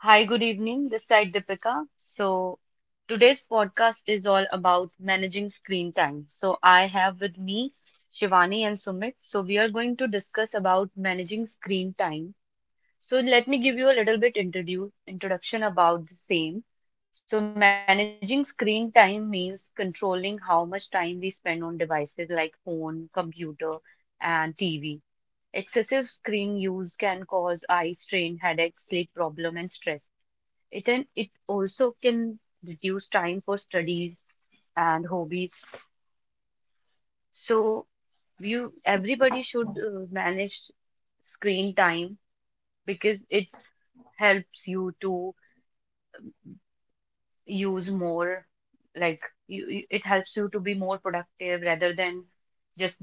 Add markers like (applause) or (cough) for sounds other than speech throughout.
Hi, good evening. This side Deepika. So today's podcast is all about managing screen time. So I have with me Shivani and Sumit. So we are going to discuss about managing screen time. So let me give you a little bit introduction about the same. So managing screen time means controlling how much time we spend on devices like phone, computer, and TV. Excessive screen use can cause eye strain, headache, sleep problem, and stress. It also can reduce time for studies and hobbies. So you everybody should manage screen time because it's helps you to use more like it helps you to be more productive rather than just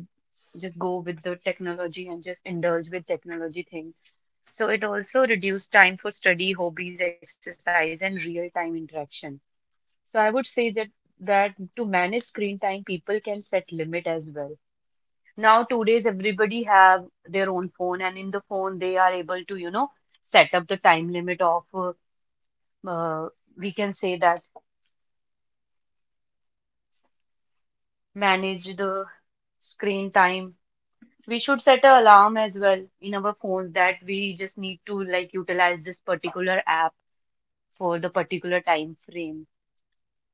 just go with the technology and just indulge with technology things. So it also reduces time for study, hobbies, exercise, and real time interaction. So I would say that to manage screen time, people can set limit as well. Now, two days, everybody have their own phone, and in the phone, they are able to, you know, set up the time limit of, uh, we can say that manage the screen time. We should set an alarm as well in our phones that we just need to like utilize this particular app for the particular time frame.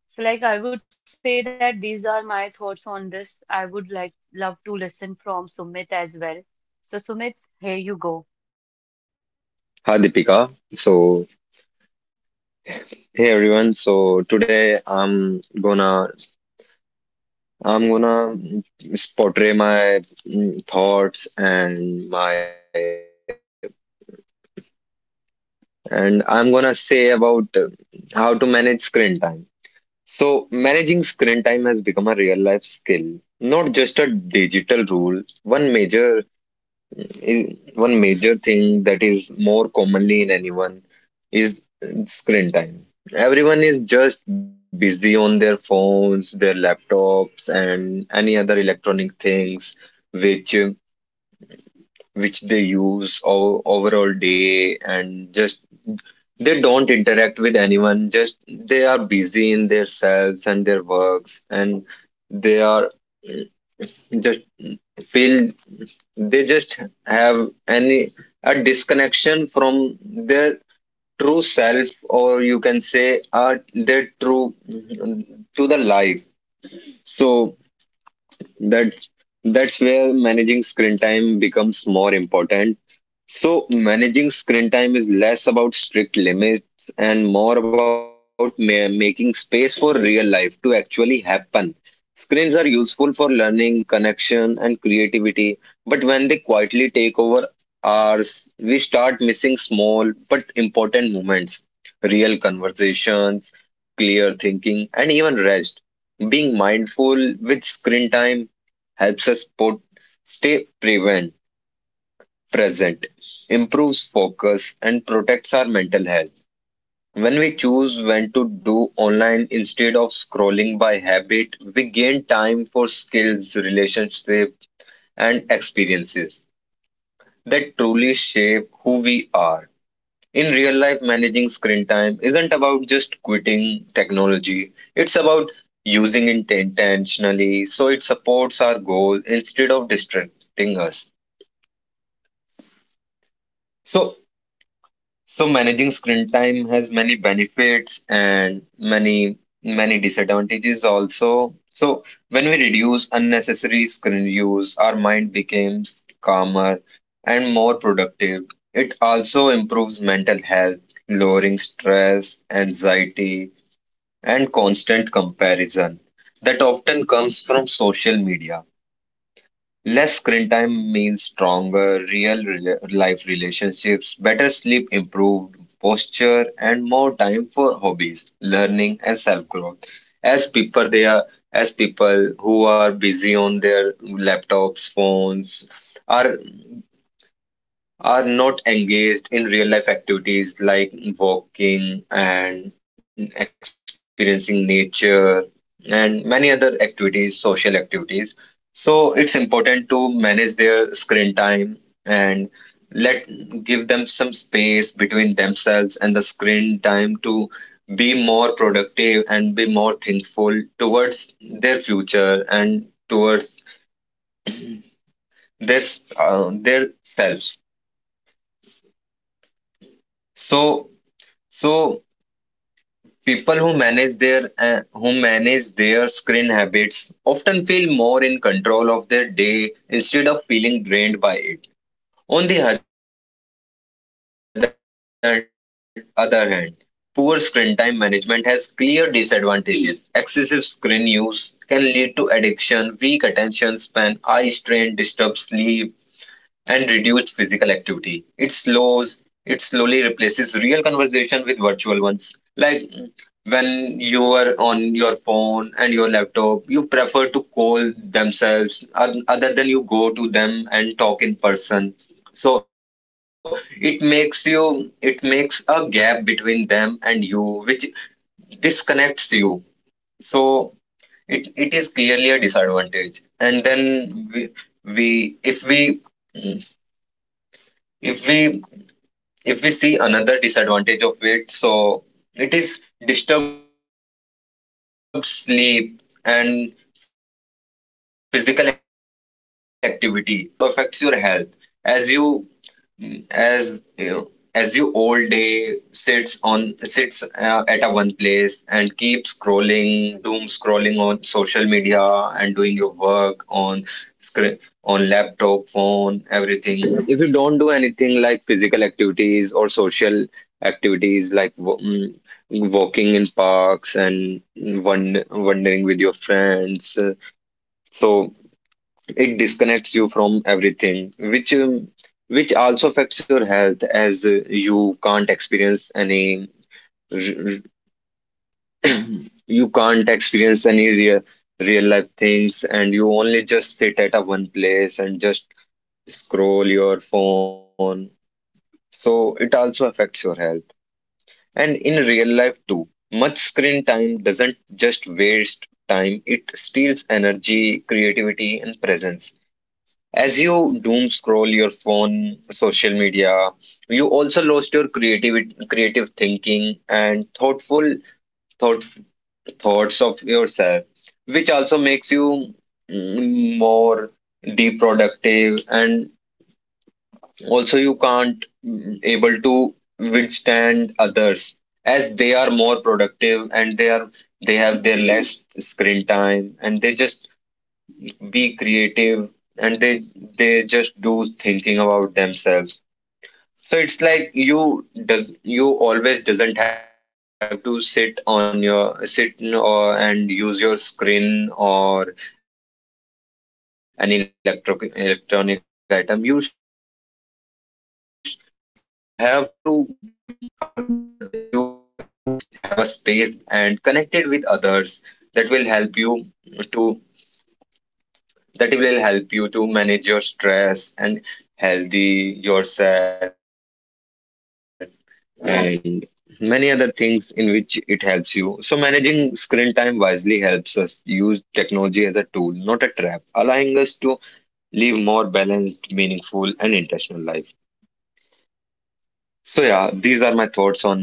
So, like, I would say that these are my thoughts on this. I would like love to listen from Sumit as well. So, Sumit, here you go. Hi Deepika. So Hey everyone. So today gonna I'm gonna portray my thoughts and I'm gonna say about how to manage screen time. So managing screen time has become a real life skill, not just a digital rule. One major thing that is more commonly in anyone is screen time. Everyone is just busy on their phones, their laptops, and any other electronic things which which they use overall day, and just they don't interact with anyone, just they are busy in their selves and their works, and they are just feel they just have any a disconnection from their true self, or you can say their true to the life. So that's that's where managing screen time becomes more important. So managing screen time is less about strict limits and more about making space for real life to actually happen. Screens are useful for learning, connection, and creativity, but when they quietly take over ours, we start missing small but important moments, real conversations, clear thinking, and even rest. Being mindful with screen time helps us put, stay prevent present, improves focus, and protects our mental health. When we choose when to do online instead of scrolling by habit, we gain time for skills, relationships, and experiences that truly shape who we are. In real life, managing screen time isn't about just quitting technology, it's about using it intentionally so it supports our goal instead of distracting us. So, So managing screen time has many benefits and many disadvantages also. So when we reduce unnecessary screen use, our mind becomes calmer and more productive. It also improves mental health, lowering stress, anxiety, and constant comparison that often comes from social media. Less screen time means stronger life relationships, better sleep, improved posture, and more time for hobbies, learning, and self growth. As people, they are as people who are busy on their laptops, phones, are are not engaged in real life activities like walking and experiencing nature, and many other activities, social activities. So it's important to manage their screen time and let give them some space between themselves and the screen time to be more productive and be more thankful towards their future and towards their their selves. So so People who manage their screen habits often feel more in control of their day instead of feeling drained by it. On the other hand, poor screen time management has clear disadvantages. Excessive screen use can lead to addiction, weak attention span, eye strain, disturbed sleep, and reduced physical activity. It slowly replaces real conversation with virtual ones. Like, when you are on your phone and your laptop, you prefer to call themselves other than you go to them and talk in person. So it makes you, it makes a gap between them and you, which disconnects you. So it is clearly a disadvantage. And then we if we mm, if we if we see another disadvantage of it, so it is disturbed sleep and physical activity, which you can say it also affects your health. as you as you know, as you all day sits on sits at a one place and keep scrolling, doom scrolling on social media, and doing your work on screen, on laptop, phone, everything. If you don't do anything like physical activities or social activities like walking in parks and wandering with your friends, so it disconnects you from everything, which, which also affects your health, as you can't experience any r- you can't experience any real real life things, and you only just sit at a one place and just scroll your phone. So it also affects your health. And in real life too, much screen time doesn't just waste time, it steals energy, creativity, and presence. As you doom scroll your phone, social media, you also lost your creativity, creative thinking, and thought, thoughts of yourself, which also makes you more deep productive, and also you can't mm, able to withstand others, as they are more productive, and they have their less screen time and they just be creative, and they just do thinking about themselves. So it's like you always doesn't have to sit on your sit n- or and use your screen or an electronic item. You you have to you have to have a space between them and you, which makes you feel comfortable and connected with others. that will help you to that will help you to manage your stress and healthy yourself, and many other things in which it helps you. So managing screen time wisely helps us use technology as a tool, not a trap, allowing us to live more balanced, meaningful, and intentional life. So yeah, these are my thoughts on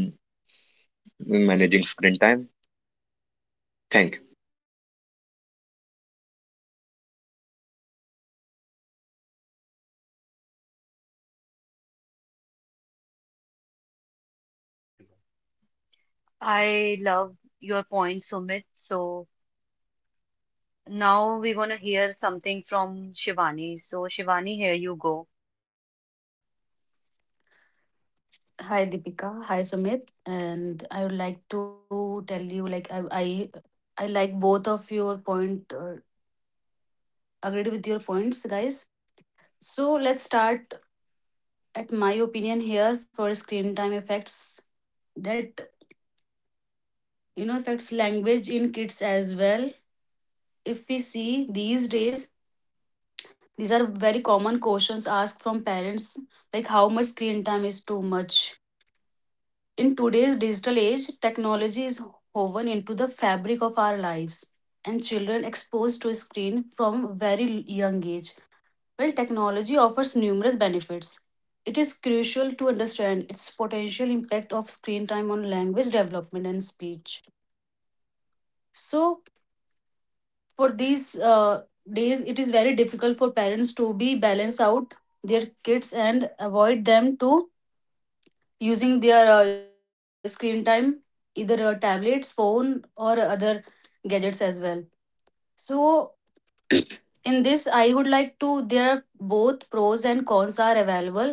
managing screen time. Thank I love your point, Sumit. So, now we're gonna hear something from Shivani. So, Shivani, here you go. Hi Deepika, hi Sumit, and I would like to tell you like I like both of your point, agreed with your points guys. So let's start at my opinion here for screen time effects that affects language in kids as well. If we see these days, these are very common questions asked from parents like how much screen time is too much. In today's digital age, technology is woven into the fabric of our lives, and children exposed to screen from very young age. While technology offers numerous benefits, it is crucial to understand its potential impact of screen time on language development and speech. So, for these days, it is very difficult for parents to be balance out their kids and avoid them to using their screen time, either tablets, phone, or other gadgets as well. So, (coughs) (clears throat) in this, I would like to, there are both pros and cons are available.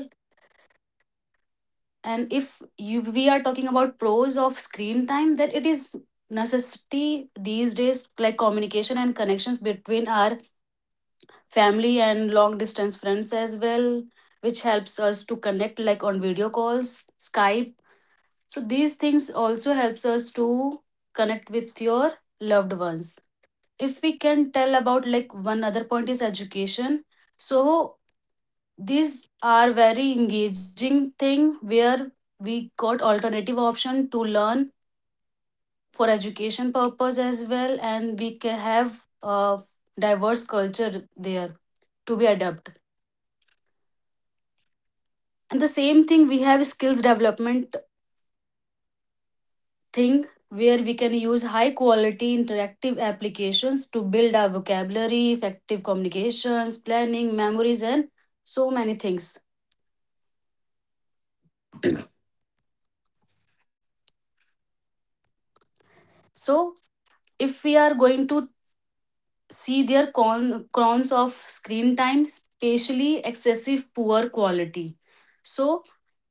And if you, we are talking about pros of screen time, that it is necessity these days, like communication and connections between our family and long distance friends as well, which helps us to connect like on video calls, Skype. So these things also helps us to connect with your loved ones. If we can tell about like one other point is education. So these are very engaging thing where we got alternative option to learn for education purpose as well and we can have a diverse culture there to be adept. And the same thing we have skills development thing where we can use high quality interactive applications to build our vocabulary, effective communications, planning, memories, and so many things. (clears throat) So, if we are going to see their cons of screen time, especially excessive poor quality. So,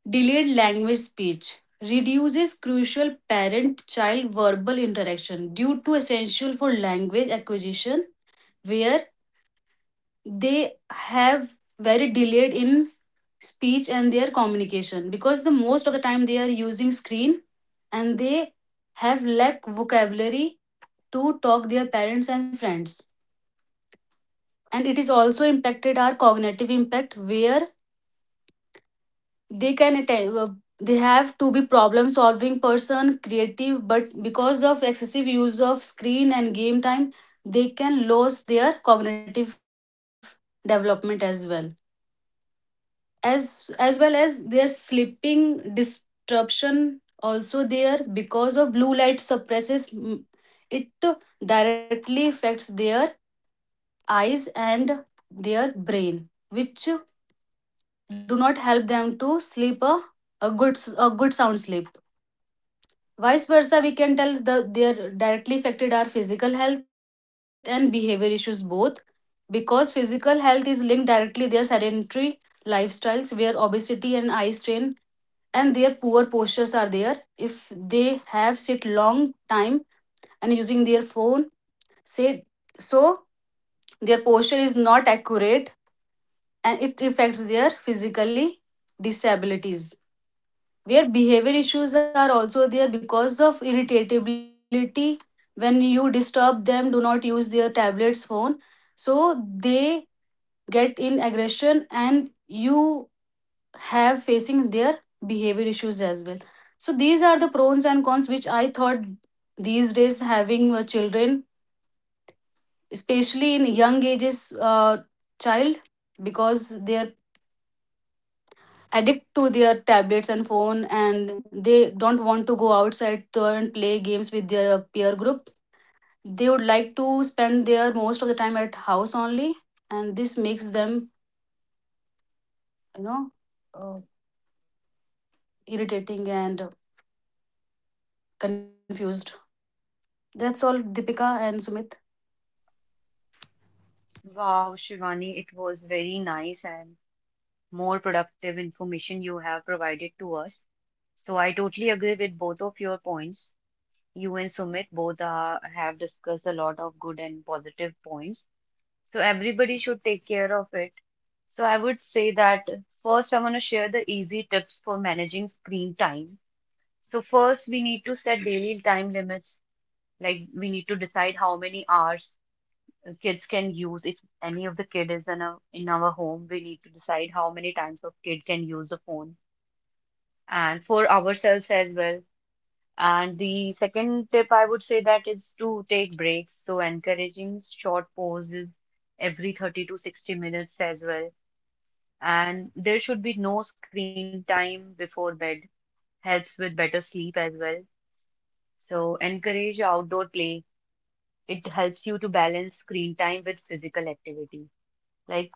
delayed language speech reduces crucial parent child verbal interaction due to essential for language acquisition where they have very delayed in speech and their communication because the most of the time they are using screen and they have lack vocabulary to talk their parents and friends, and it is also impacted our cognitive impact where they can they have to be problem solving person creative but because of excessive use of screen and game time they can lose their cognitive development as as well as their sleeping disruption also there because of blue light suppresses, it directly affects their eyes and their brain which do not help them to sleep a good a good sound sleep. Vice versa we can tell the they are directly affected our physical health and behavior issues both because physical health is linked directly their sedentary lifestyles where obesity and eye strain and their poor postures are there if they have sit long time and using their phone, say, so their posture is not accurate and it affects their physically disabilities where behavior issues are also there because of irritability when you disturb them do not use their tablets phone, so they get in aggression and you have facing their behavior issues as well. So these are the pros and cons which I thought these days having children especially in young ages, child because they're addict to their tablets and phone and they don't want to go outside to and play games with their peer group. They would like to spend their most of the time at house only and this makes them you know uh, irritating and confused. That's all Deepika and Sumit. Wow, Shivani, it was very nice and more productive information you have provided to us. So, I totally agree with both of your points. You and Sumit both have discussed a lot of good and positive points. So everybody should take care of it. So I would say that first, I want to share the easy tips for managing screen time. So first, we need to set daily time limits. Like we need to decide how many hours kids can use. If any of the kid is in our home, we need to decide how many times a kid can use a phone, and for ourselves as well. And the second tip I would say that is to take breaks. So encouraging short pauses every 30 to 60 minutes as well. And there should be no screen time before bed. Helps with better sleep as well. So encourage outdoor play. It helps you to balance screen time with physical activity. Like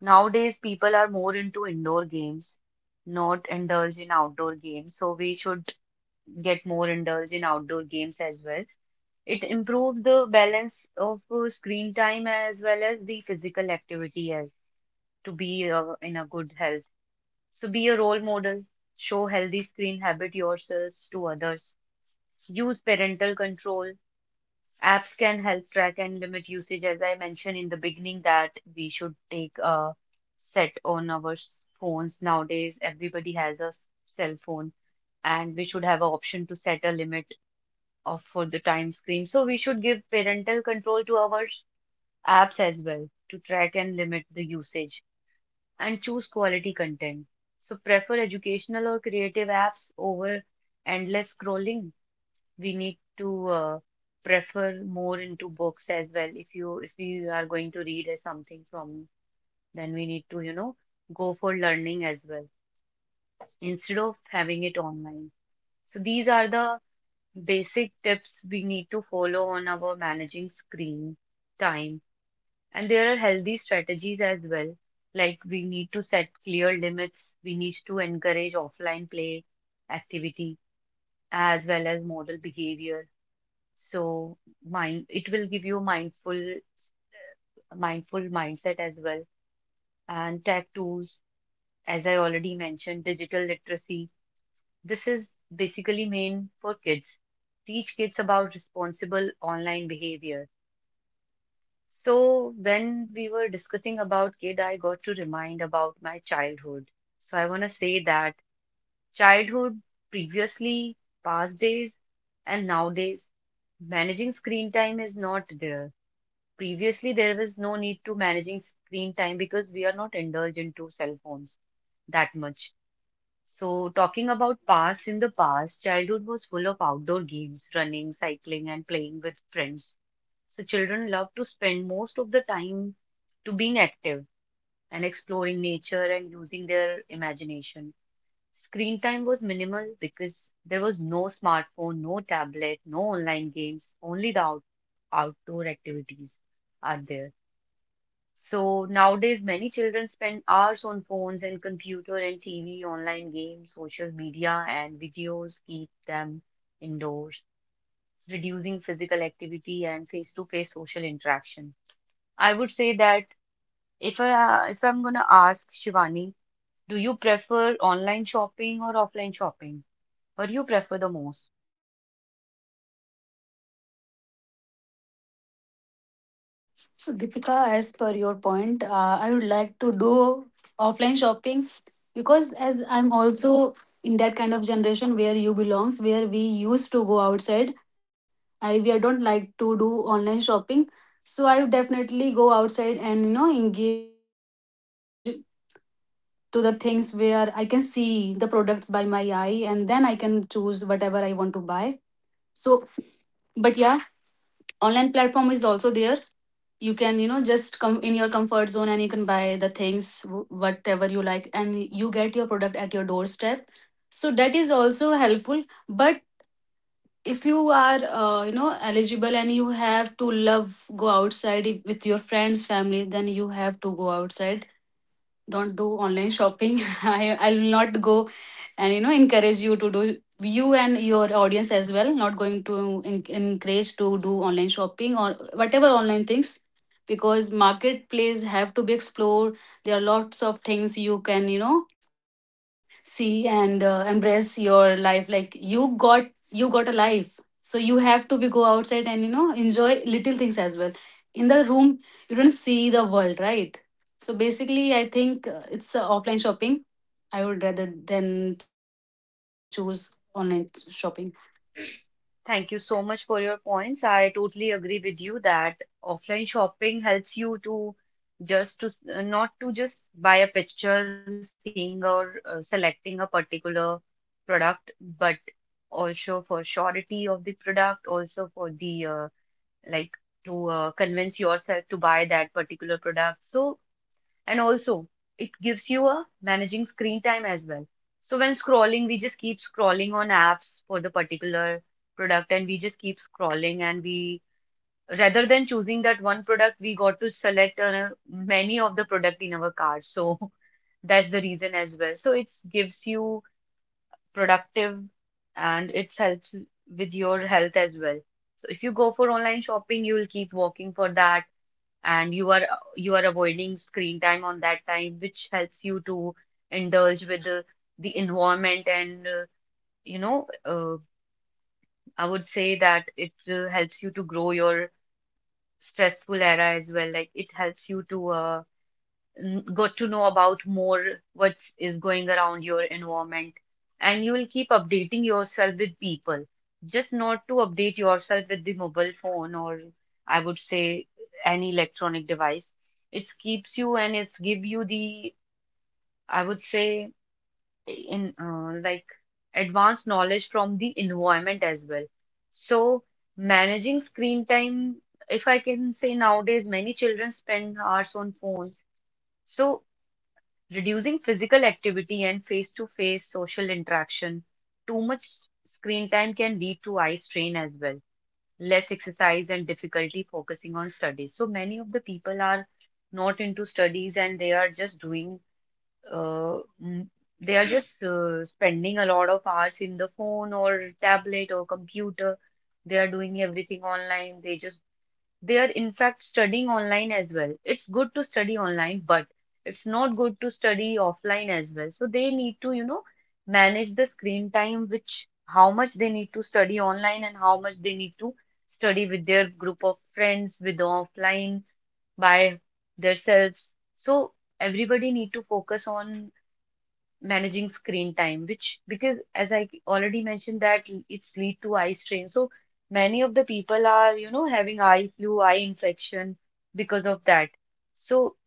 nowadays, people are more into indoor games, not indulge in outdoor games. So we should get more indulge in outdoor games as well. It improves the balance of screen time as well as the physical activity as to be in a good health. So be a role model, show healthy screen habit yourselves to others. Use parental control. Apps can help track and limit usage, as I mentioned in the beginning, that we should take a set on our phones. Nowadays, everybody has a cell phone, and we should have an option to set a limit of for the time screen. So we should give parental control to our apps as well to track and limit the usage and choose quality content. So prefer educational or creative apps over endless scrolling. We need to prefer more into books as well. If we are going to read something from, then we need to, you know, go for learning as well instead of having it online. So these are the basic tips we need to follow on our managing screen time. And there are healthy strategies as well. Like we need to set clear limits. We need to encourage offline play activity as well as model behavior. So mind it will give you mindful mindful mindset as well. And tech tools, as I already mentioned, digital literacy. This is basically main for kids. Teach kids about responsible online behavior. So when we were discussing about kid, I got to remind about my childhood. So I want to say that childhood, previously, past days, and nowadays, managing screen time is not there. Previously, there was no need to managing screen time because we are not indulged into cell phones that much. So talking about past, in the past, childhood was full of outdoor games, running, cycling, and playing with friends. So children love to spend most of the time to being active and exploring nature and using their imagination. Screen time was minimal because there was no smartphone, no tablet, no online games, only the outdoor activities are there. So nowadays many children spend hours on phones and computer and TV, online games, social media and videos keep them indoors, reducing physical activity and face-to-face social interaction. I would say that if I'm gonna ask Shivani, do you prefer online shopping or offline shopping? What do you prefer the most? So, Deepika, as per your point, I would like to do offline shopping because as I'm also in that kind of generation where you belongs, where we used to go outside. I don't like to do online shopping, so I would definitely go outside and engage to the things where I can see the products by my eye and then I can choose whatever I want to buy. So, but yeah, online platform is also there, you can just come in your comfort zone and you can buy the things whatever you like and you get your product at your doorstep, so that is also helpful. But if you are eligible and you have to love go outside with your friends family, then you have to go outside, don't do online shopping. (laughs) I will not go and encourage you to do, you and your audience as well, not going to encourage to do online shopping or whatever online things because marketplace have to be explored. There are lots of things you can, see and embrace your life, like you got a life, so you have to be go outside and enjoy little things as well. In the room you don't see the world, right? So basically, I think it's offline shopping. I would rather than choose online shopping. Thank you so much for your points. I totally agree with you that offline shopping helps you to just to not to just buy a picture, seeing or selecting a particular product, but also for surety of the product, also for the like to convince yourself to buy that particular product. So, and also, it gives you a managing screen time as well. So when scrolling, we just keep scrolling on apps for the particular product and we just keep scrolling and we rather than choosing that one product, we got to select many of the product in our cart. So (laughs) that's the reason as well. So it gives you productive and it helps with your health as well. So if you go for online shopping, you will keep walking for that and you are avoiding screen time on that time, which helps you to indulge with the environment and you know uh, I would say that it helps you to grow your stressful era as well. Like it helps you to got to know about more what is going around your environment and you will keep updating yourself with people just not to update yourself with the mobile phone or I would say any electronic device. It keeps you and it's give you the, I would say, in like advanced knowledge from the environment as well. So managing screen time, if I can say nowadays many children spend hours on phones, so reducing physical activity and face-to-face social interaction. Too much screen time can lead to eye strain as well, less exercise and difficulty focusing on studies. So many of the people are not into studies and they are just doing, uh, mm, they are just spending a lot of hours in the phone or tablet or computer. They are doing everything online. They are in fact studying online as well. It's good to study online, but it's not good to study offline as well. So they need to, you know, manage the screen time, which how much they need to study online and how much they need to study with their group of friends, with the offline by themselves. So everybody need to focus on managing screen time, which because as I already mentioned that it's lead to eye strain. So many of the people are, you know, having eye flu, eye infection because of that. So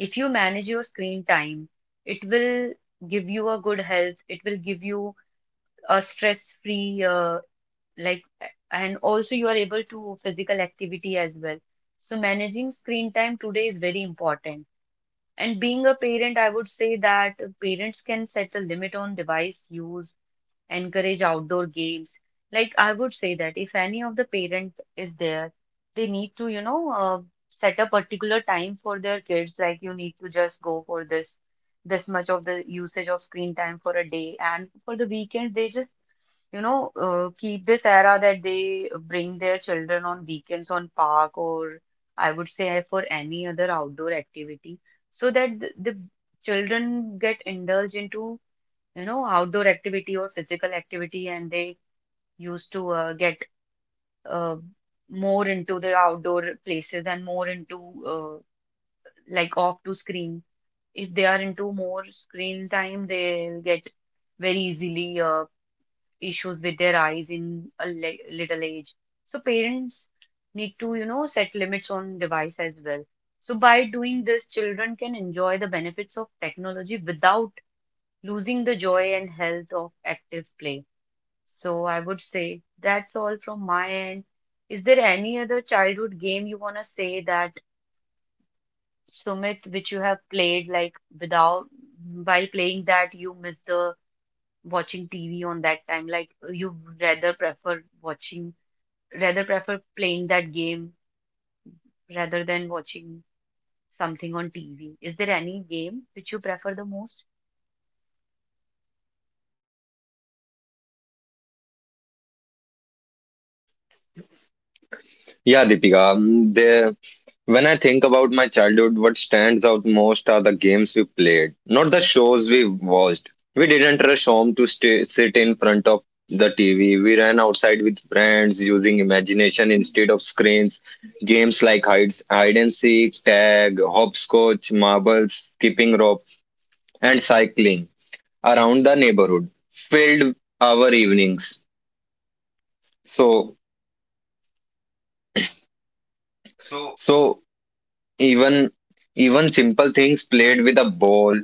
if you manage your screen time, it will give you a good health. It will give you a stress-free, like, and also you are able to physical activity as well. So managing screen time today is very important. And being a parent, I would say that parents can set a limit on device use, encourage outdoor games. Like I would say that if any of the parent is there, they need to, you know, set a particular time for their kids. Like you need to just go for this much of the usage of screen time for a day, and for the weekend they just you know, keep this era that they bring their children on weekends on park or I would say for any other outdoor activity so that the children get indulged into, you know, outdoor activity or physical activity and they used to get uh, more into the outdoor places and more into like off to screen. If they are into more screen time, they'll get very easily issues with their eyes in a little age. So parents need to, you know, set limits on device as well. So by doing this, children can enjoy the benefits of technology without losing the joy and health of active play. So I would say that's all from my end. Is there any other childhood game you want to say that Sumit, which you have played like without while playing that you miss the watching TV on that time? Like you rather prefer playing that game rather than watching something on TV. Is there any game which you prefer the most? Yeah, Deepika. When I think about my childhood, what stands out most are the games we played, not the shows we watched. We didn't rush home to sit in front of the TV. We ran outside with friends using imagination instead of screens. Games like hide and seek, tag, hopscotch, marbles, skipping rope, and cycling around the neighborhood filled our evenings. So, so Even simple things, played with a ball,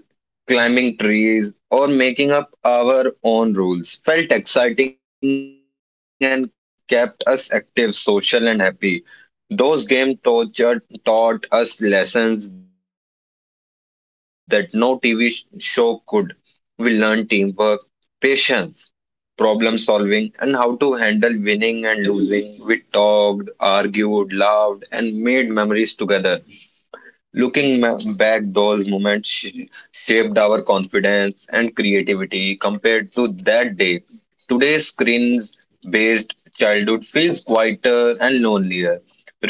climbing trees, or making up our own rules, felt exciting and kept us active, social, and happy. Those games taught us lessons that no TV show could. We learned teamwork, patience, problem solving, and how to handle winning and losing. We talked, argued, laughed, and made memories together. Looking back, those moments shaped our confidence and creativity compared to that day. Today's screens based childhood feels quieter and lonelier. Real games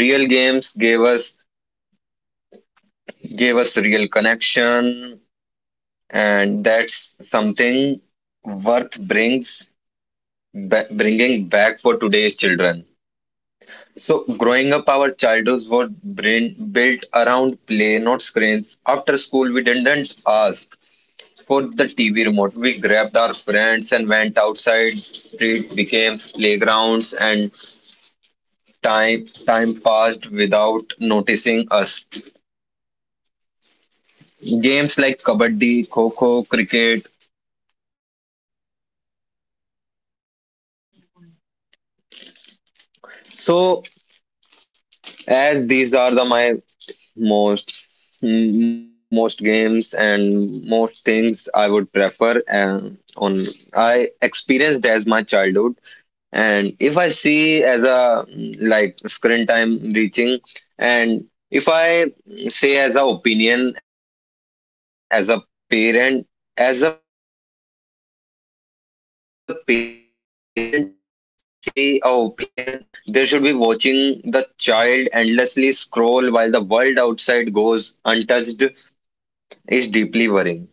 gave us real connection, and that's something worth brings bringing back for today's children. So growing up, our childhoods were brain built around play, not screens. After school, we didn't ask for the TV remote. We grabbed our friends and went outside. Street became playgrounds, and time passed without noticing us. Games like kabaddi, kho kho, cricket. So as these are the my most most games and most things I would prefer on I experienced as my childhood. And if I see as a like screen time reaching, and if I say as a opinion as a parent parent, if I see a opinion, they should be watching the child endlessly scroll while the world outside goes untouched is deeply worrying.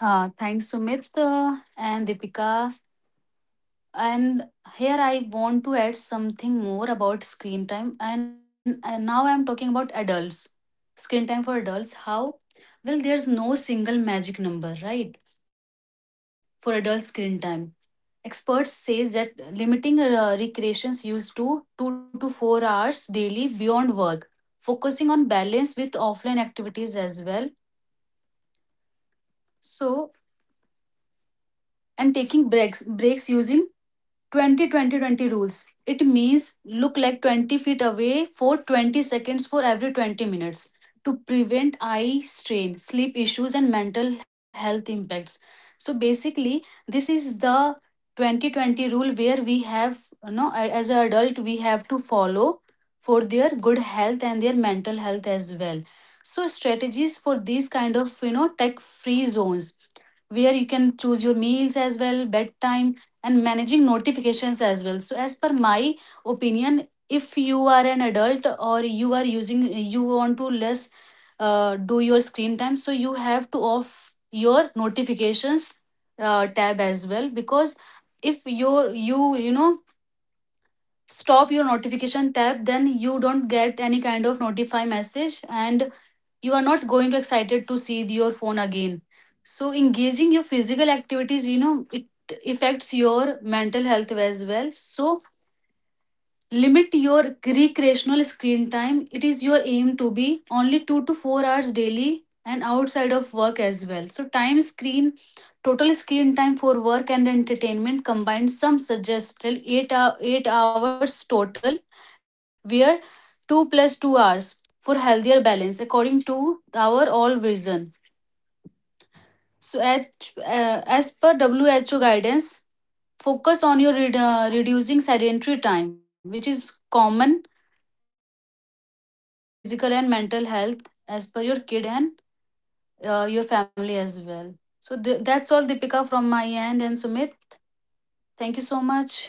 Thanks Sumit and Deepika. And here I want to add something more about screen time. And now I'm talking about adults. Screen time for adults. How? Well, there's no single magic number, right? For adult screen time, experts say that limiting recreations used to 2 to 4 hours daily beyond work, focusing on balance with offline activities as well. So, and taking breaks using 20-20-20 rules. It means look like 20 feet away for 20 seconds for every 20 minutes to prevent eye strain, sleep issues, and mental health impacts. So basically, this is the 20-20 rule where we have, as an adult, we have to follow for their good health and their mental health as well. So strategies for these kind of, tech free zones where you can choose your meals as well, bedtime, and managing notifications as well. So as per my opinion, if you are an adult or you are using, you want to less do your screen time, so you have to off your notifications tab as well, because if your you you know stop your notification tab, then you don't get any kind of notify message and you are not going to excited to see your phone again. So engaging your physical activities, it affects your mental health as well. So limit your recreational screen time, it is your aim to be only 2 to 4 hours daily and outside of work as well. So time screen, total screen time for work and entertainment combined, some suggested 8 hours total where 2 plus 2 hours for healthier balance according to our all vision. So as per who guidance, focus on your reducing sedentary time which is common during screen use for better physical and mental health as per your kid and your family as well. So that's all, Deepika, from my end. And Sumit, thank you so much.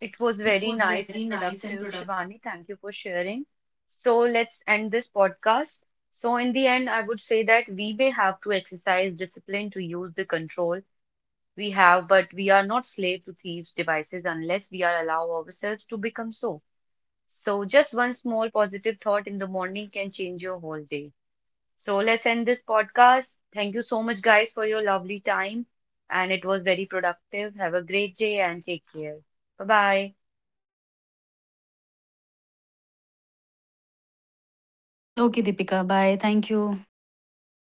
It was It very was nice very and nice and productive, productive. Shivani. Thank you for sharing. So let's end this podcast. So, in the end, I would say that we may have to exercise discipline to use the control we have, but we are not slave to thieves' devices unless we are allow ourselves to become so. So, just one small positive thought in the morning can change your whole day. So let's end this podcast. Thank you so much, guys, for your lovely time. And it was very productive. Have a great day and take care. Bye bye. Okay, Deepika. Bye. Thank you.